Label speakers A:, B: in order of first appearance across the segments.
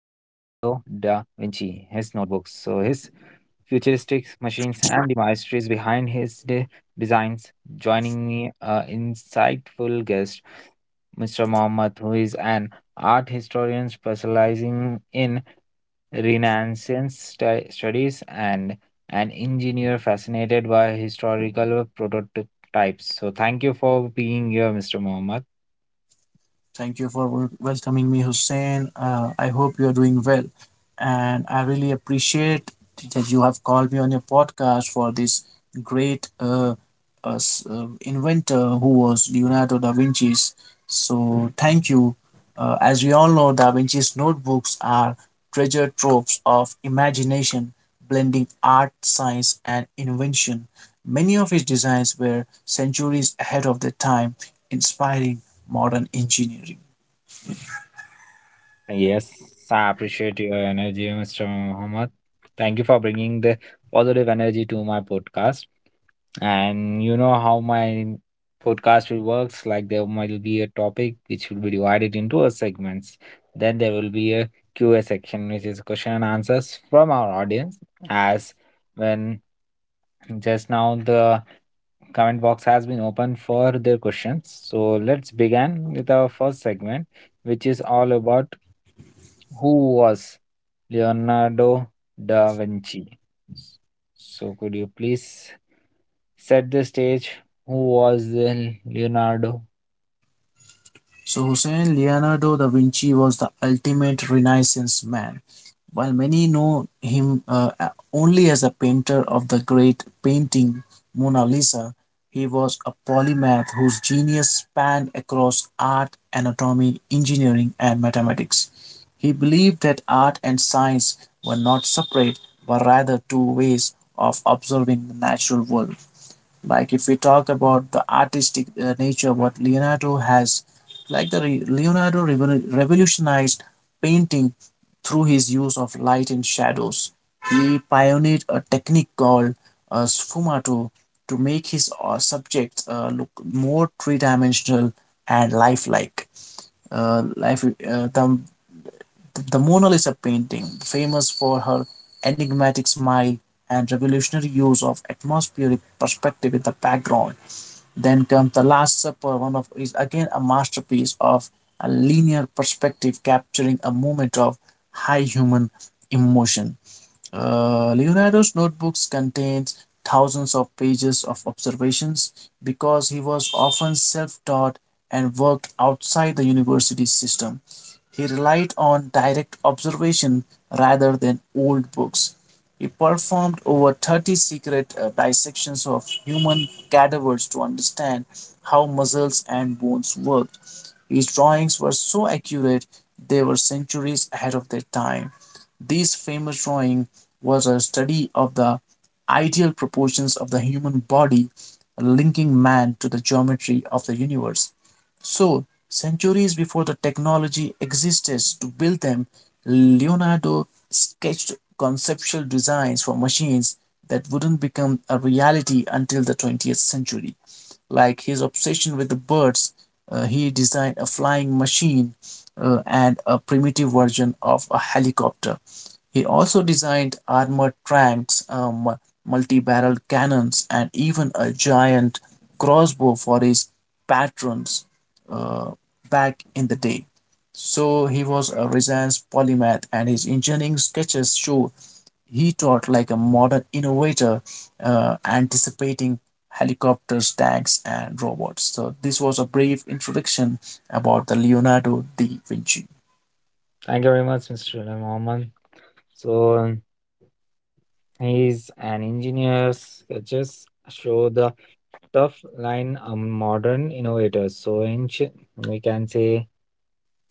A: Vinci, his notebooks, so his futuristic machines, and the mysteries behind his designs. Joining me, insightful guest, Mr. Mohammed, who is an art historian specializing in renaissance studies and an engineer fascinated by historical prototypes, so thank you for being here, Mr. Mohammed.
B: Thank you for welcoming me, Hussein. I hope you're doing well. And I really appreciate that you have called me on your podcast for this great inventor who was Leonardo da Vinci's. So, thank you. As we all know, da Vinci's notebooks are treasure troves of imagination, blending art, science, and invention. Many of his designs were centuries ahead of their time, inspiring modern engineering.
A: Yes, I appreciate your energy, Mr. Mohammed. Thank you for bringing the positive energy to my podcast. And you know how my podcast will works, like, there might be a topic which will be divided into a segments, then there will be a Q A section, which is question and answers from our audience, as when just now the comment box has been open for their questions. So let's begin with our first segment, which is all about who was Leonardo da Vinci. So could you please set the stage? Who was then Leonardo?
B: So, Hussein, Leonardo da Vinci was the ultimate Renaissance man. While many know him only as a painter of the great painting Mona Lisa, he was a polymath whose genius spanned across art, anatomy, engineering, and mathematics. He believed that art and science were not separate, but rather two ways of observing the natural world. Like if we talk about the artistic nature what Leonardo has, like Leonardo revolutionized painting through his use of light and shadows. He pioneered a technique called sfumato to make his subjects look more three-dimensional and lifelike. uh, life uh, the, the Mona Lisa painting, famous for her enigmatic smile and revolutionary use of atmospheric perspective in the background. Then comes The Last Supper, one of is again a masterpiece of a linear perspective, capturing a moment of high human emotion. Leonardo's notebooks contains thousands of pages of observations because he was often self-taught and worked outside the university system. He relied on direct observation rather than old books. He performed over 30 secret dissections of human cadavers to understand how muscles and bones worked. His drawings were so accurate, they were centuries ahead of their time. This famous drawing was a study of the ideal proportions of the human body, linking man to the geometry of the universe. So, centuries before the technology existed to build them, Leonardo sketched conceptual designs for machines that wouldn't become a reality until the 20th century, like his obsession with the birds. He designed a flying machine and a primitive version of a helicopter. He also designed armored tanks, multi barrel cannons, and even a giant crossbow for his patrons uh, back in the day. So he was a Renaissance polymath, and his engineering sketches show he taught like a modern innovator, anticipating helicopters, tanks, and robots. So, this was a brief introduction about the Leonardo da Vinci.
A: Thank you very much, Mr. Mohammed. So he's an engineer sketches show the tough line of modern innovators, so ancient, we can say,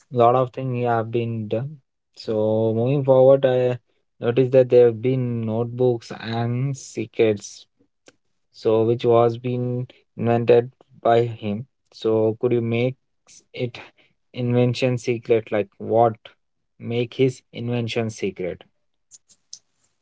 A: a lot of things have been done. So moving forward, I noticed that there have been notebooks and secrets, so which was been invented by him. So could you make it invention secret? Like, what make his invention secret?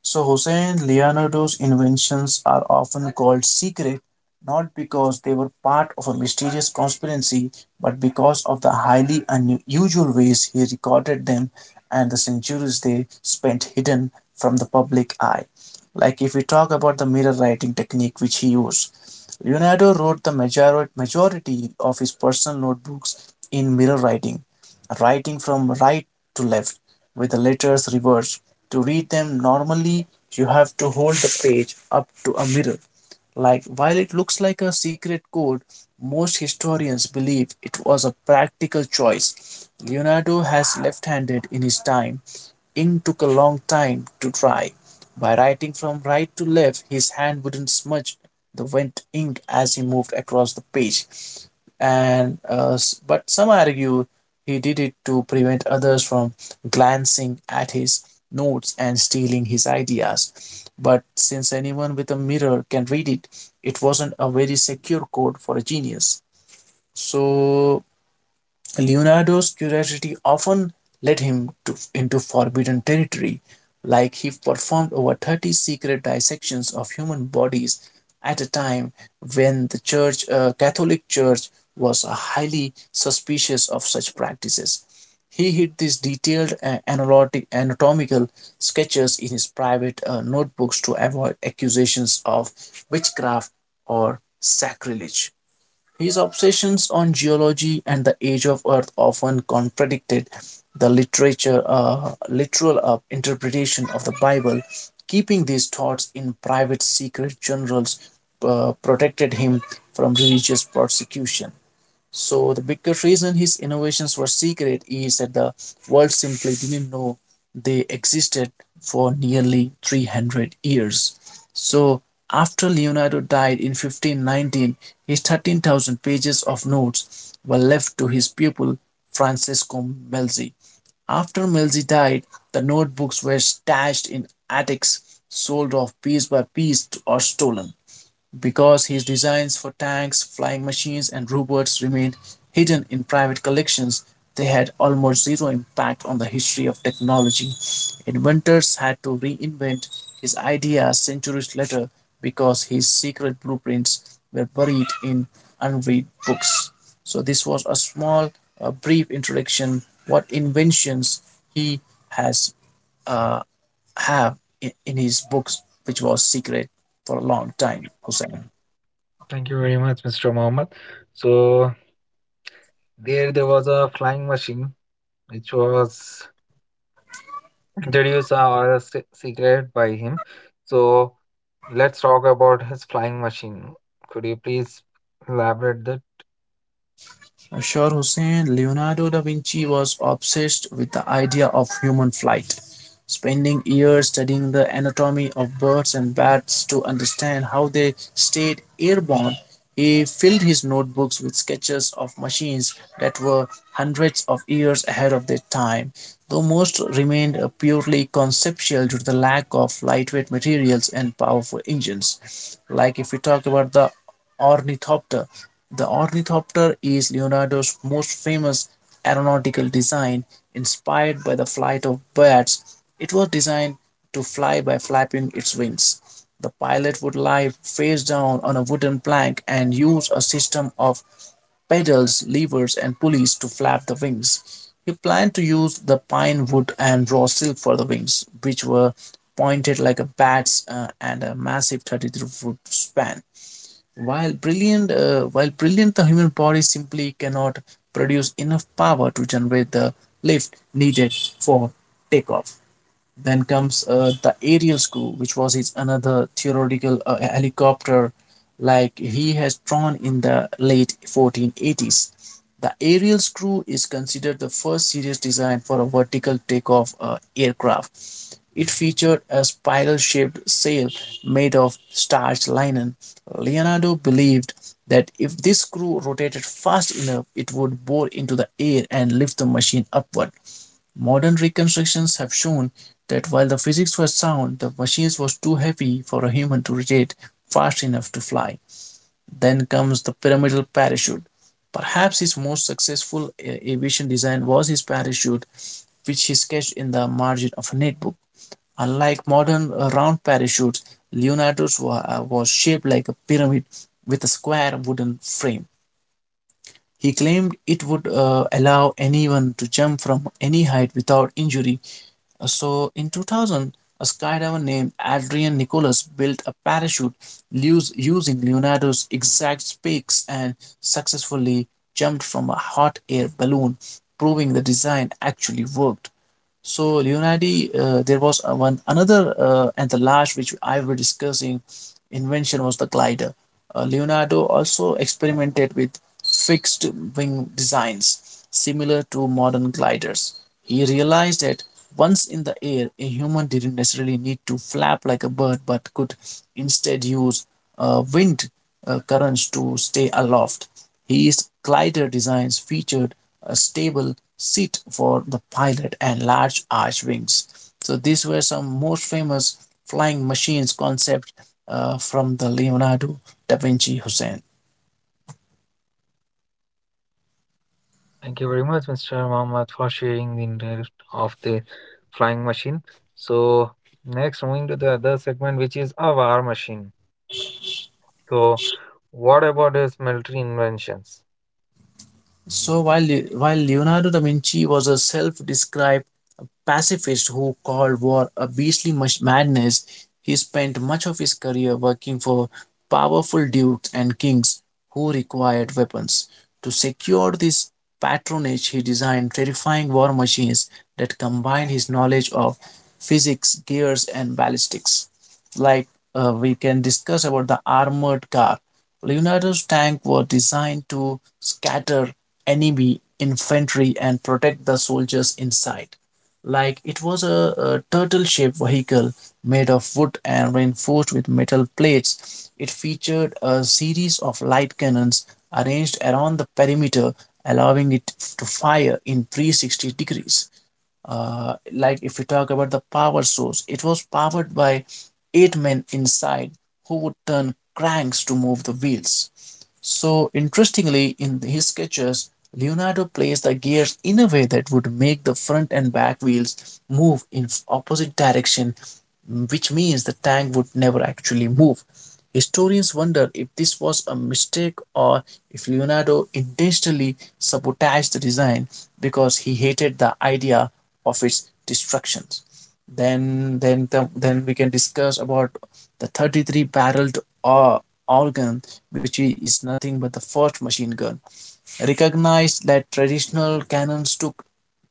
B: So, Hussein, Leonardo's inventions are often called secret not because they were part of a mysterious conspiracy, but because of the highly unusual ways he recorded them and the centuries they spent hidden from the public eye. Like if we talk about the mirror writing technique which he used, Leonardo wrote the majority of his personal notebooks in mirror writing, writing from right to left with the letters reversed. To read them normally, you have to hold the page up to a mirror. Like while it looks like a secret code, most historians believe it was a practical choice. Leonardo was left-handed in his time. Ink took a long time to dry. By writing from right to left, his hand wouldn't smudge the wet ink as he moved across the page, and but some argue he did it to prevent others from glancing at his notes and stealing his ideas. But since anyone with a mirror can read it, it wasn't a very secure code for a genius. So Leonardo's curiosity often led him to, into forbidden territory. Like he performed over 30 secret dissections of human bodies at a time when the church, Catholic Church was highly suspicious of such practices. He hid these detailed anatomical sketches in his private notebooks to avoid accusations of witchcraft or sacrilege. His obsessions on geology and the age of Earth often contradicted the literal interpretation of the Bible. Keeping these thoughts in private secret journals protected him from religious persecution. So the bigger reason his innovations were secret is that the world simply didn't know they existed for nearly 300 years. So after Leonardo died in 1519, his 13,000 pages of notes were left to his pupil Francesco Melzi. After Melzi died, the notebooks were stashed in attics, sold off piece by piece or stolen. Because his designs for tanks, flying machines, and robots remained hidden in private collections, they had almost zero impact on the history of technology. Inventors had to reinvent his ideas centuries later because his secret blueprints were buried in unread books. So this was a small, brief introduction what inventions he has uh, have in his books, which was secret for a long time, Hussein.
A: Thank you very much, Mr. Mohammed. So there was a flying machine which was introduced or secret by him. So let's talk about his flying machine. Could you please elaborate that?
B: Ashar Hussain, Leonardo da Vinci was obsessed with the idea of human flight, spending years studying the anatomy of birds and bats to understand how they stayed airborne. He filled his notebooks with sketches of machines that were hundreds of years ahead of their time, though most remained purely conceptual due to the lack of lightweight materials and powerful engines. Like if we talk about the Ornithopter. The ornithopter is Leonardo's most famous aeronautical design, inspired by the flight of birds. It was designed to fly by flapping its wings. The pilot would lie face down on a wooden plank and use a system of pedals, levers, and pulleys to flap the wings. He planned to use the pine wood and raw silk for the wings, which were pointed like a bat's, and a massive 33-foot span. While brilliant, the human body simply cannot produce enough power to generate the lift needed for takeoff. Then comes the aerial school, which was his another theoretical helicopter, like he has drawn in the late 1480s. The aerial screw is considered the first serious design for a vertical takeoff aircraft. It featured a spiral shaped sail made of starched linen. Leonardo believed that if this screw rotated fast enough, it would bore into the air and lift the machine upward. Modern reconstructions have shown that while the physics was sound, the machines was too heavy for a human to rotate fast enough to fly. Then comes the pyramidal parachute. Perhaps his most successful aviation design was his parachute, which he sketched in the margin of a notebook. Unlike modern round parachutes, Leonardo's was shaped like a pyramid with a square wooden frame. He claimed it would allow anyone to jump from any height without injury. So, in 2000, a skydiver named Adrian Nicholas built a parachute using Leonardo's exact specs and successfully jumped from a hot air balloon, proving the design actually worked. So, there was one another, and the last which I were discussing invention was the glider. Leonardo also experimented with fixed wing designs similar to modern gliders. He realized that once in the air, a human didn't necessarily need to flap like a bird but could instead use wind currents to stay aloft. His glider designs featured a stable seat for the pilot and large arch wings. So these were some most famous flying machines concept from the Leonardo Da Vinci, Hussein.
A: Thank you very much, Mr. Mohammed, for sharing the details of the flying machine. So, next, moving to the other segment, which is a war machine. So, what about its military inventions?
B: So while Leonardo da Vinci was a self-described pacifist who called war a madness, he spent much of his career working for powerful dukes and kings who required weapons. To secure this patronage, he designed terrifying war machines that combined his knowledge of physics, gears, and ballistics. Like we can discuss about the armored car. Leonardo's tank were designed to scatter enemy infantry and protect the soldiers inside. Like it was a turtle shaped vehicle made of wood and reinforced with metal plates. It featured a series of light cannons arranged around the perimeter, allowing it to fire in 360 degrees. Like if we talk about the power source, it was powered by eight men inside who would turn cranks to move the wheels. So, interestingly, in his sketches, Leonardo placed the gears in a way that would make the front and back wheels move in opposite direction, which means the tank would never actually move. Historians wonder if this was a mistake or if Leonardo intentionally sabotaged the design because he hated the idea of its destruction. Then, then, then we can discuss about the 33 barreled organ, which is nothing but the first machine gun. Recognized that traditional cannons took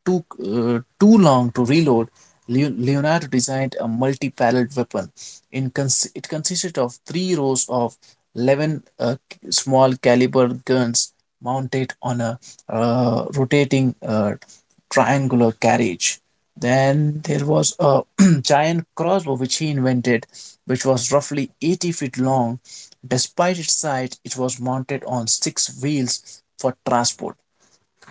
B: took uh, too long to reload, Leonardo designed a multi-barreled weapon. It consisted of three rows of 11 small caliber guns mounted on a rotating triangular carriage. Then there was a giant crossbow which he invented, which was roughly 80 feet long. Despite its size, it was mounted on six wheels for transport.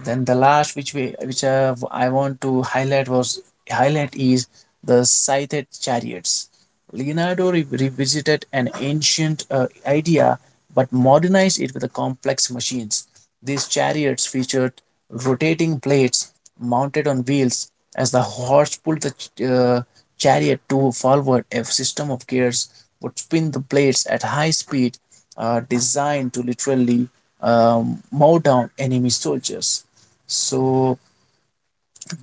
B: Then the last which we which I want to highlight was highlight is the scythed chariots. Leonardo revisited an ancient idea but modernized it with the complex machines. These chariots featured rotating plates mounted on wheels. As the horse pulled the chariot to forward, a system of gears would spin the plates at high speed, designed to literally mow down enemy soldiers. So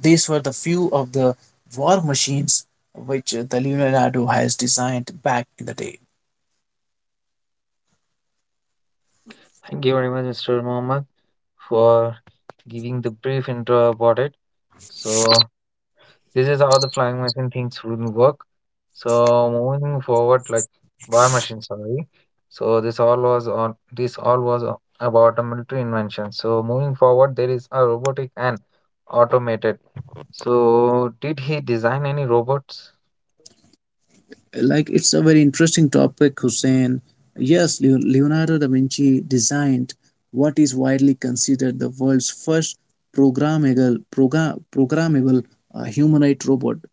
B: these were the few of the war machines which the Leonardo has designed back in the day.
A: Thank you very much, Mr. Mohammed, for giving the brief intro about it. So, this is how the flying machine things would work. So moving forward, like, war machine, sorry. So this all was about a military invention. So moving forward, there is a robotic and automated. So did he design any robots?
B: Like, it's a very interesting topic, Hussein. Yes, Leonardo da Vinci designed what is widely considered the world's first programmable, programmable, humanoid robot.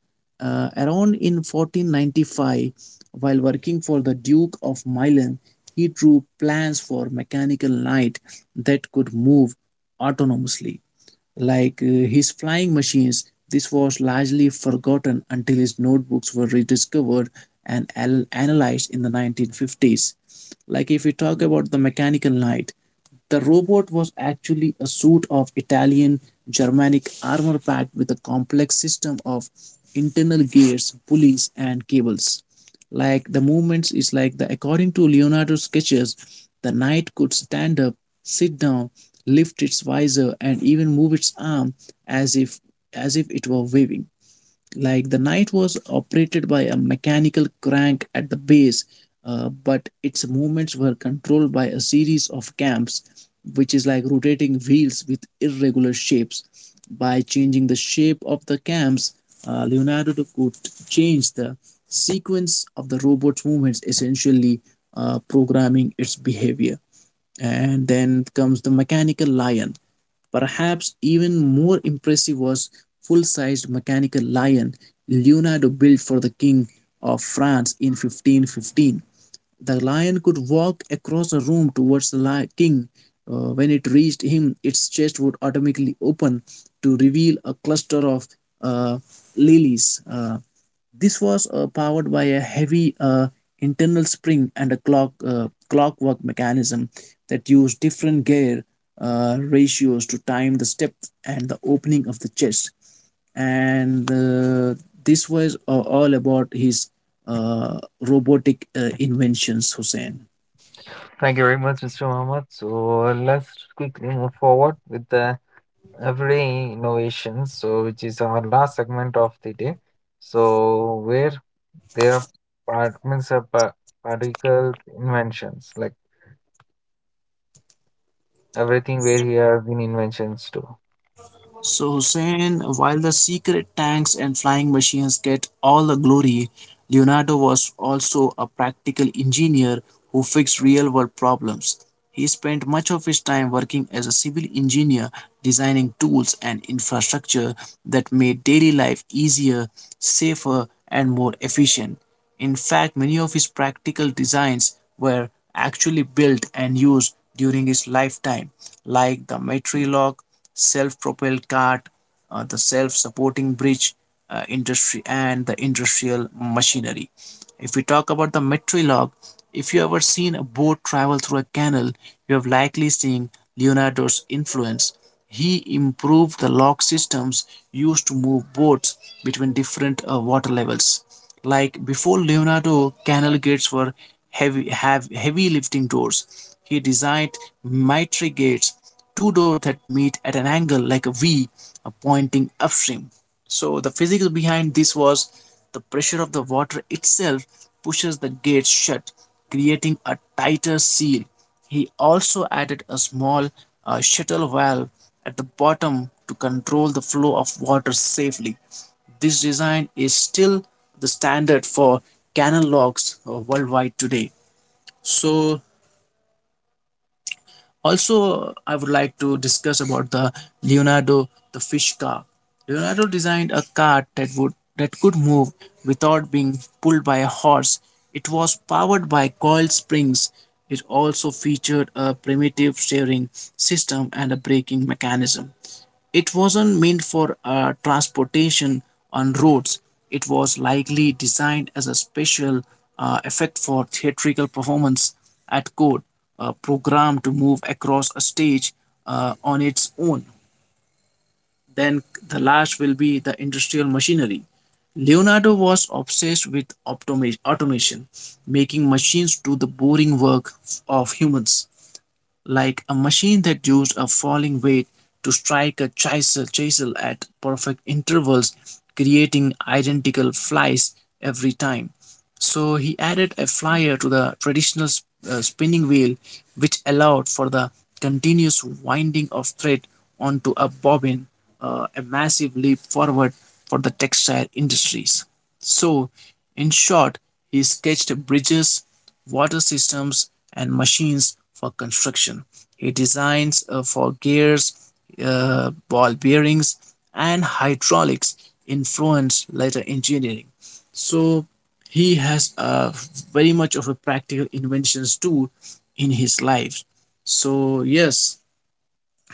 B: Around in 1495, while working for the Duke of Milan, he drew plans for mechanical knight that could move autonomously, like his flying machines. This was largely forgotten until his notebooks were rediscovered and analyzed in the 1950s. Like, if we talk about the mechanical knight, the robot was actually a suit of Italian Germanic armor packed with a complex system of internal gears, pulleys, and cables. Like, the movements is like the, according to Leonardo's sketches, the knight could stand up, sit down, lift its visor, and even move its arm as if, as if it were waving. Like, the knight was operated by a mechanical crank at the base, but its movements were controlled by a series of cams, which is like rotating wheels with irregular shapes. By changing the shape of the cams, Leonardo could change the sequence of the robot's movements, essentially programming its behavior. And then comes the mechanical lion. Perhaps even more impressive was full-sized mechanical lion Leonardo built for the king of France in 1515. The lion could walk across a room towards the king. When it reached him, its chest would automatically open to reveal a cluster of, uh, lilies. This was powered by a heavy, internal spring and a clockwork mechanism that use different gear ratios to time the step and the opening of the chest. And this was all about his robotic inventions, Hussein.
A: Thank you very much, Mr. Muhammad. So let's quickly move forward with the every innovation, so which is our last segment of the day. So where their part means a particle inventions, like, everything where here have been inventions too.
B: So, Hussein, while the secret tanks and flying machines get all the glory, Leonardo was also a practical engineer who fixed real world problems. He spent much of his time working as a civil engineer, designing tools and infrastructure that made daily life easier, safer, and more efficient. In fact, many of his practical designs were actually built and used during his lifetime, like the Metrilock self propelled cart, the self supporting bridge industry, and the industrial machinery. If we talk about the Metrilock, if you ever seen a boat travel through a canal, you have likely seen Leonardo's influence. He improved the lock systems used to move boats between different water levels. Like, before Leonardo, canal gates were heavy have heavy lifting doors. He designed mitre gates, two doors that meet at an angle like a V, pointing upstream. So the physics behind this was the pressure of the water itself pushes the gates shut, creating a tighter seal. He also added a small, shuttle valve at the bottom to control the flow of water safely. This design is still the standard for canon locks worldwide today. So also I would like to discuss about the Leonardo the fish car. Leonardo designed a cart that would that could move without being pulled by a horse. It was powered by coil springs. It also featured a primitive steering system and a braking mechanism. It wasn't meant for transportation on roads. It was likely designed as a special, effect for theatrical performance at court, a program to move across a stage on its own. Then the last will be the industrial machinery. Leonardo was obsessed with automation, making machines do the boring work of humans, like a machine that used a falling weight to strike a chisel at perfect intervals, creating identical flies every time. So he added a flyer to the traditional spinning wheel, which allowed for the continuous winding of thread onto a bobbin, a massive leap forward for the textile industries. So, in short, he sketched bridges, water systems, and machines for construction. He designs for gears, ball bearings, and hydraulics, influenced later engineering. So he has, very much of a practical inventions too in his life. So yes,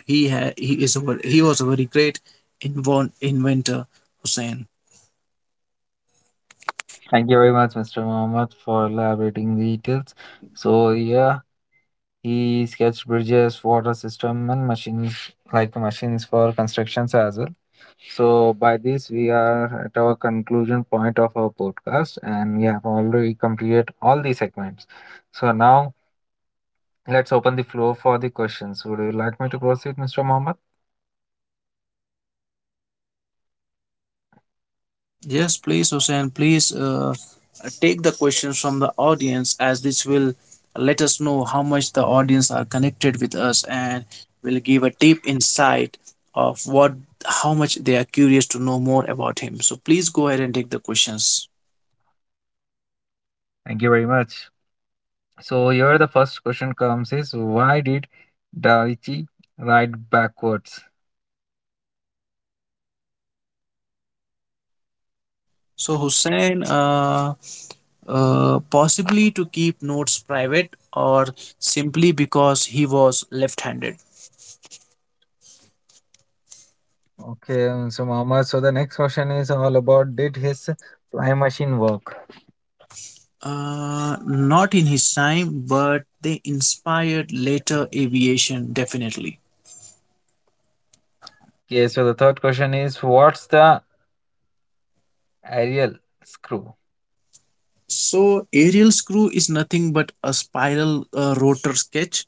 B: he ha- he is a, he was a very great, inventor, Hussein.
A: Thank you very much, Mr. Mohammed, for elaborating the details. So yeah, he sketched bridges, water system, and machines, like machines for constructions as well. So by this we are at our conclusion point of our podcast, and we have already completed all the segments. So now let's open the floor for the questions. Would you like me to proceed, Mr. Mohammed?
B: Yes, please, Hussein, please take the questions from the audience, as this will let us know how much the audience are connected with us and will give a deep insight of what, how much they are curious to know more about him. So please go ahead and take the questions.
A: Thank you very much. So here the first question comes is, why did Da Vinci write backwards?
B: So Hussein, possibly to keep notes private or simply because he was left-handed.
A: Okay, Mr. Mohammed. So the next question is all about, did his fly machine work?
B: Not in his time, but they inspired later aviation definitely.
A: Okay, so the third question is, what's the aerial screw?
B: So, aerial screw is nothing but a spiral rotor sketch,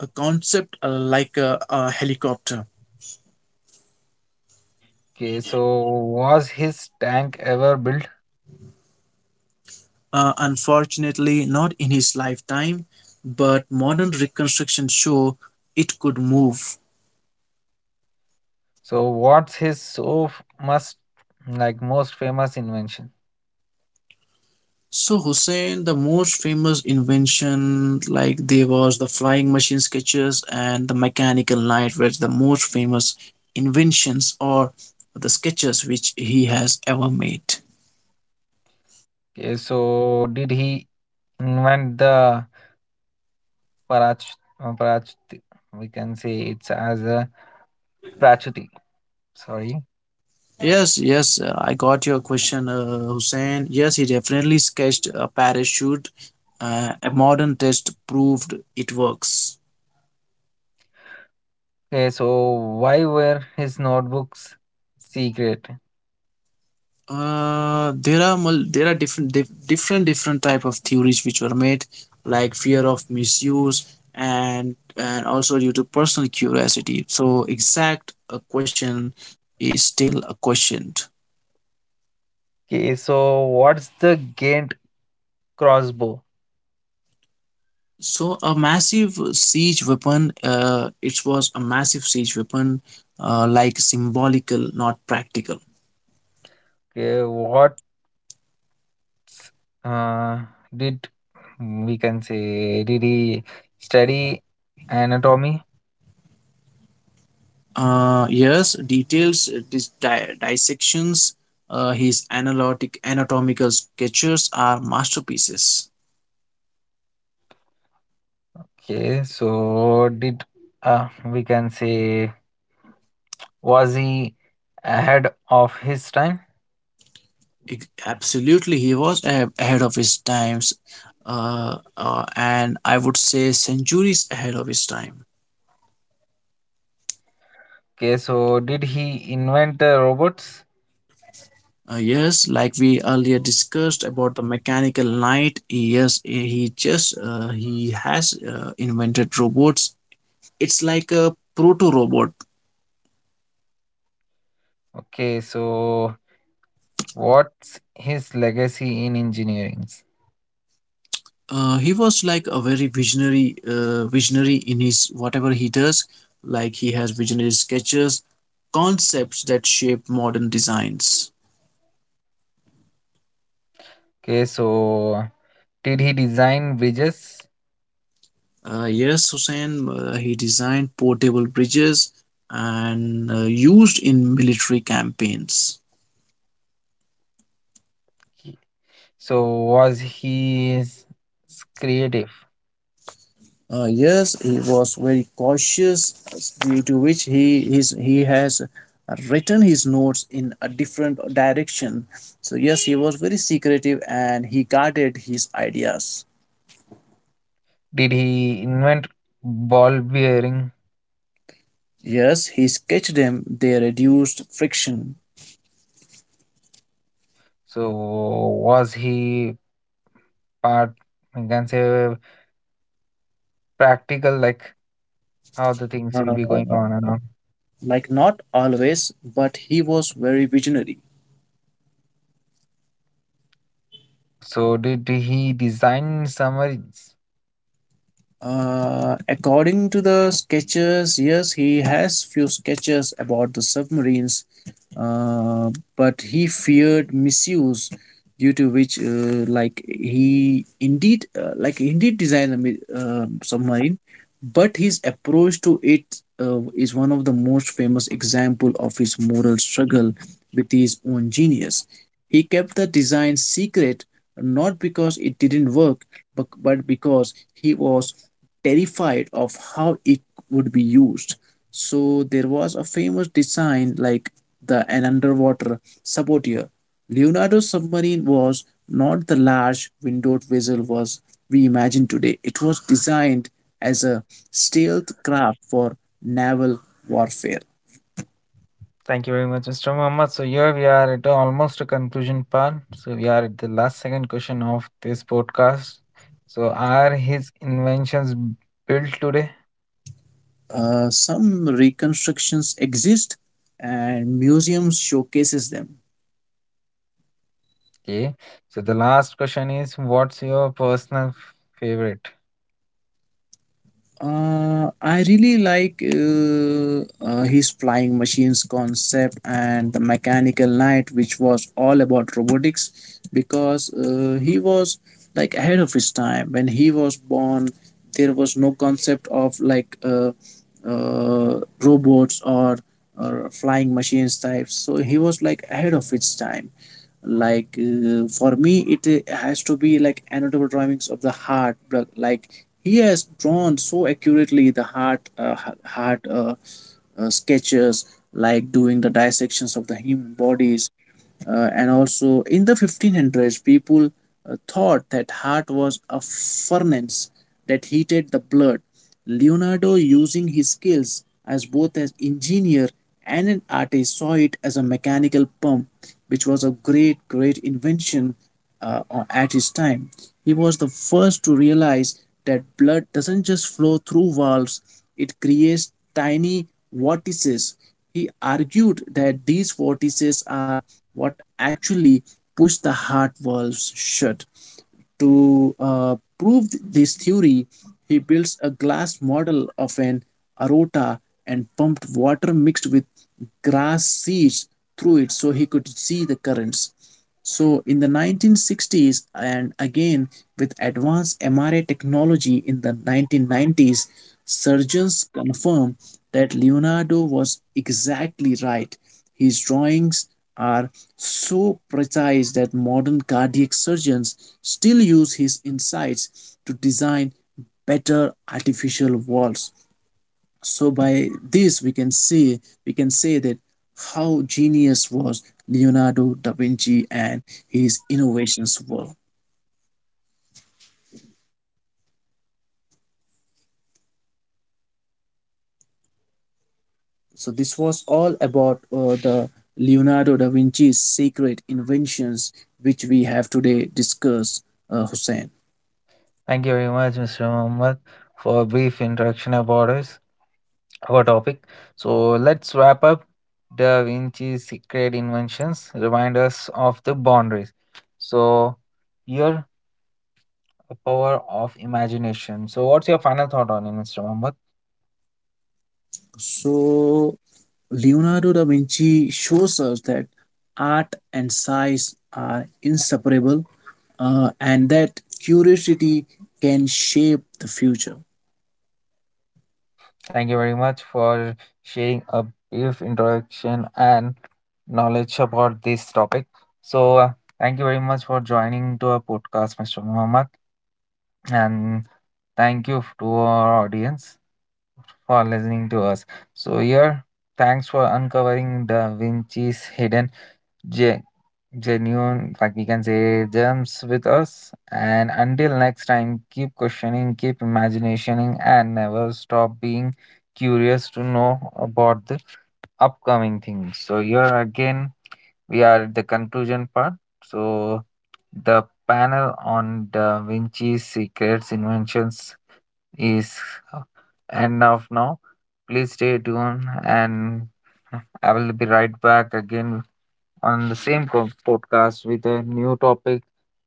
B: a concept like a helicopter.
A: Okay, so was his tank ever built?
B: Unfortunately, not in his lifetime, but modern reconstructions show it could move.
A: So what's his so f- must like most famous invention?
B: So Hussein, the most famous invention, like there was the flying machine sketches and the mechanical light were the most famous inventions or the sketches which he has ever made.
A: Okay, so did he invent the parach parachuti? We can say it's as a prachuti. Sorry.
B: Yes, yes, I got your question, Hussein. Yes, he definitely sketched a parachute. A modern test proved it works.
A: Okay, so why were his notebooks secret?
B: There are different, different different type of theories which were made, like fear of misuse and also due to personal curiosity. So exact a question is still a question.
A: Okay, so what's the Ghent crossbow?
B: So a massive siege weapon. It was a massive siege weapon, like symbolical, not practical.
A: Okay, s- uh, did, we can say, did he study anatomy?
B: Yes, details, dissections, his analytic anatomical sketches are masterpieces.
A: Okay, so did, we can say, was he ahead of his time?
B: Absolutely, he was ahead of his times, and I would say centuries ahead of his time.
A: Okay, so did he invent the robots?
B: Yes, like we earlier discussed about the mechanical knight. Yes, he just he has invented robots. It's like a proto robot.
A: Okay, so what's his legacy in engineering?
B: He was like a very visionary, visionary in his whatever he does. Like, he has visionary sketches, concepts that shape modern designs.
A: Okay, so did he design bridges?
B: Yes, Hussein, he designed portable bridges and used in military campaigns.
A: Okay, so was he creative?
B: Yes, he was very cautious, due to which he has written his notes in a different direction. So yes, he was very secretive and he guarded his ideas.
A: Did he invent ball bearing?
B: Yes, he sketched them. They reduced friction.
A: So was he part, I can say, practical, like how the things will be going
B: Uh,
A: on and on.
B: like, not always, but he was very visionary.
A: So did he design summaries?
B: According to the sketches, yes, he has few sketches about the submarines, uh, but he feared misuse, due to which, like he indeed, like he did design a submarine, but his approach to it is one of the most famous example of his moral struggle with his own genius. He kept the design secret, not because it didn't work, but because he was terrified of how it would be used. So there was a famous design like the an underwater saboteur. Leonardo's submarine was not the large windowed vessel was we imagine today. It was designed as a stealth craft for naval warfare.
A: Thank you very much, Mr. Muhammad. So here we are at almost a conclusion part. So we are at the last second question of this podcast. So are his inventions built today?
B: Some reconstructions exist and museums showcases them.
A: Okay. So the last question is, what's your personal favorite?
B: I really like, his flying machines concept and the Mechanical Knight, which was all about robotics, because he was like ahead of his time. When he was born, there was no concept of like robots or flying machines types. So he was like ahead of its time. Like for me, it has to be like anatomical drawings of the heart. But, like, he has drawn so accurately the heart, heart, sketches, like doing the dissections of the human bodies, and also in the 1500s people thought that heart was a furnace that heated the blood. Leonardo, using his skills as both an engineer and an artist, saw it as a mechanical pump, which was a great, great invention uh, at his time. He was the first to realize that blood doesn't just flow through valves, it creates tiny vortices. He argued that these vortices are what actually push the heart valves shut. To prove this theory, he builds a glass model of an aorta and pumped water mixed with grass seeds through it so he could see the currents. So in the 1960s, and again with advanced MRI technology in the 1990s, surgeons confirmed that Leonardo was exactly right. His drawings are so precise that modern cardiac surgeons still use his insights to design better artificial walls. So by this we can see we can say that how genius was Leonardo da Vinci and his innovations were. So this was all about the Leonardo da Vinci's secret inventions which we have today discussed, Hussein.
A: Thank you very much, Mr. Muhammad, for a brief introduction about us, our topic. So let's wrap up Da Vinci's secret inventions, remind us of the boundaries. So here, a power of imagination. So what's your final thought on it, Mr. Muhammad?
B: So Leonardo da Vinci shows us that art and science are inseparable, and that curiosity can shape the future.
A: Thank you very much for sharing a brief introduction and knowledge about this topic. So thank you very much for joining to our podcast, Mr. Muhammad, and thank you to our audience for listening to us. So here, thanks for uncovering Da Vinci's hidden ge- genuine, like we can say, gems with us. And until next time, keep questioning, keep imagining, and never stop being curious to know about the upcoming things. So here again, we are at the conclusion part. So the panel on Da Vinci's secrets, inventions, is enough now. Please stay tuned, and I will be right back again on the same podcast with a new topic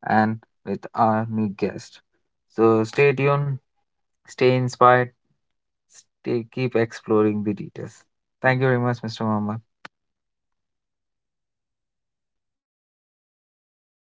A: and with our new guest. So stay tuned, stay inspired, stay keep exploring the details. Thank you very much, Mr. Mama.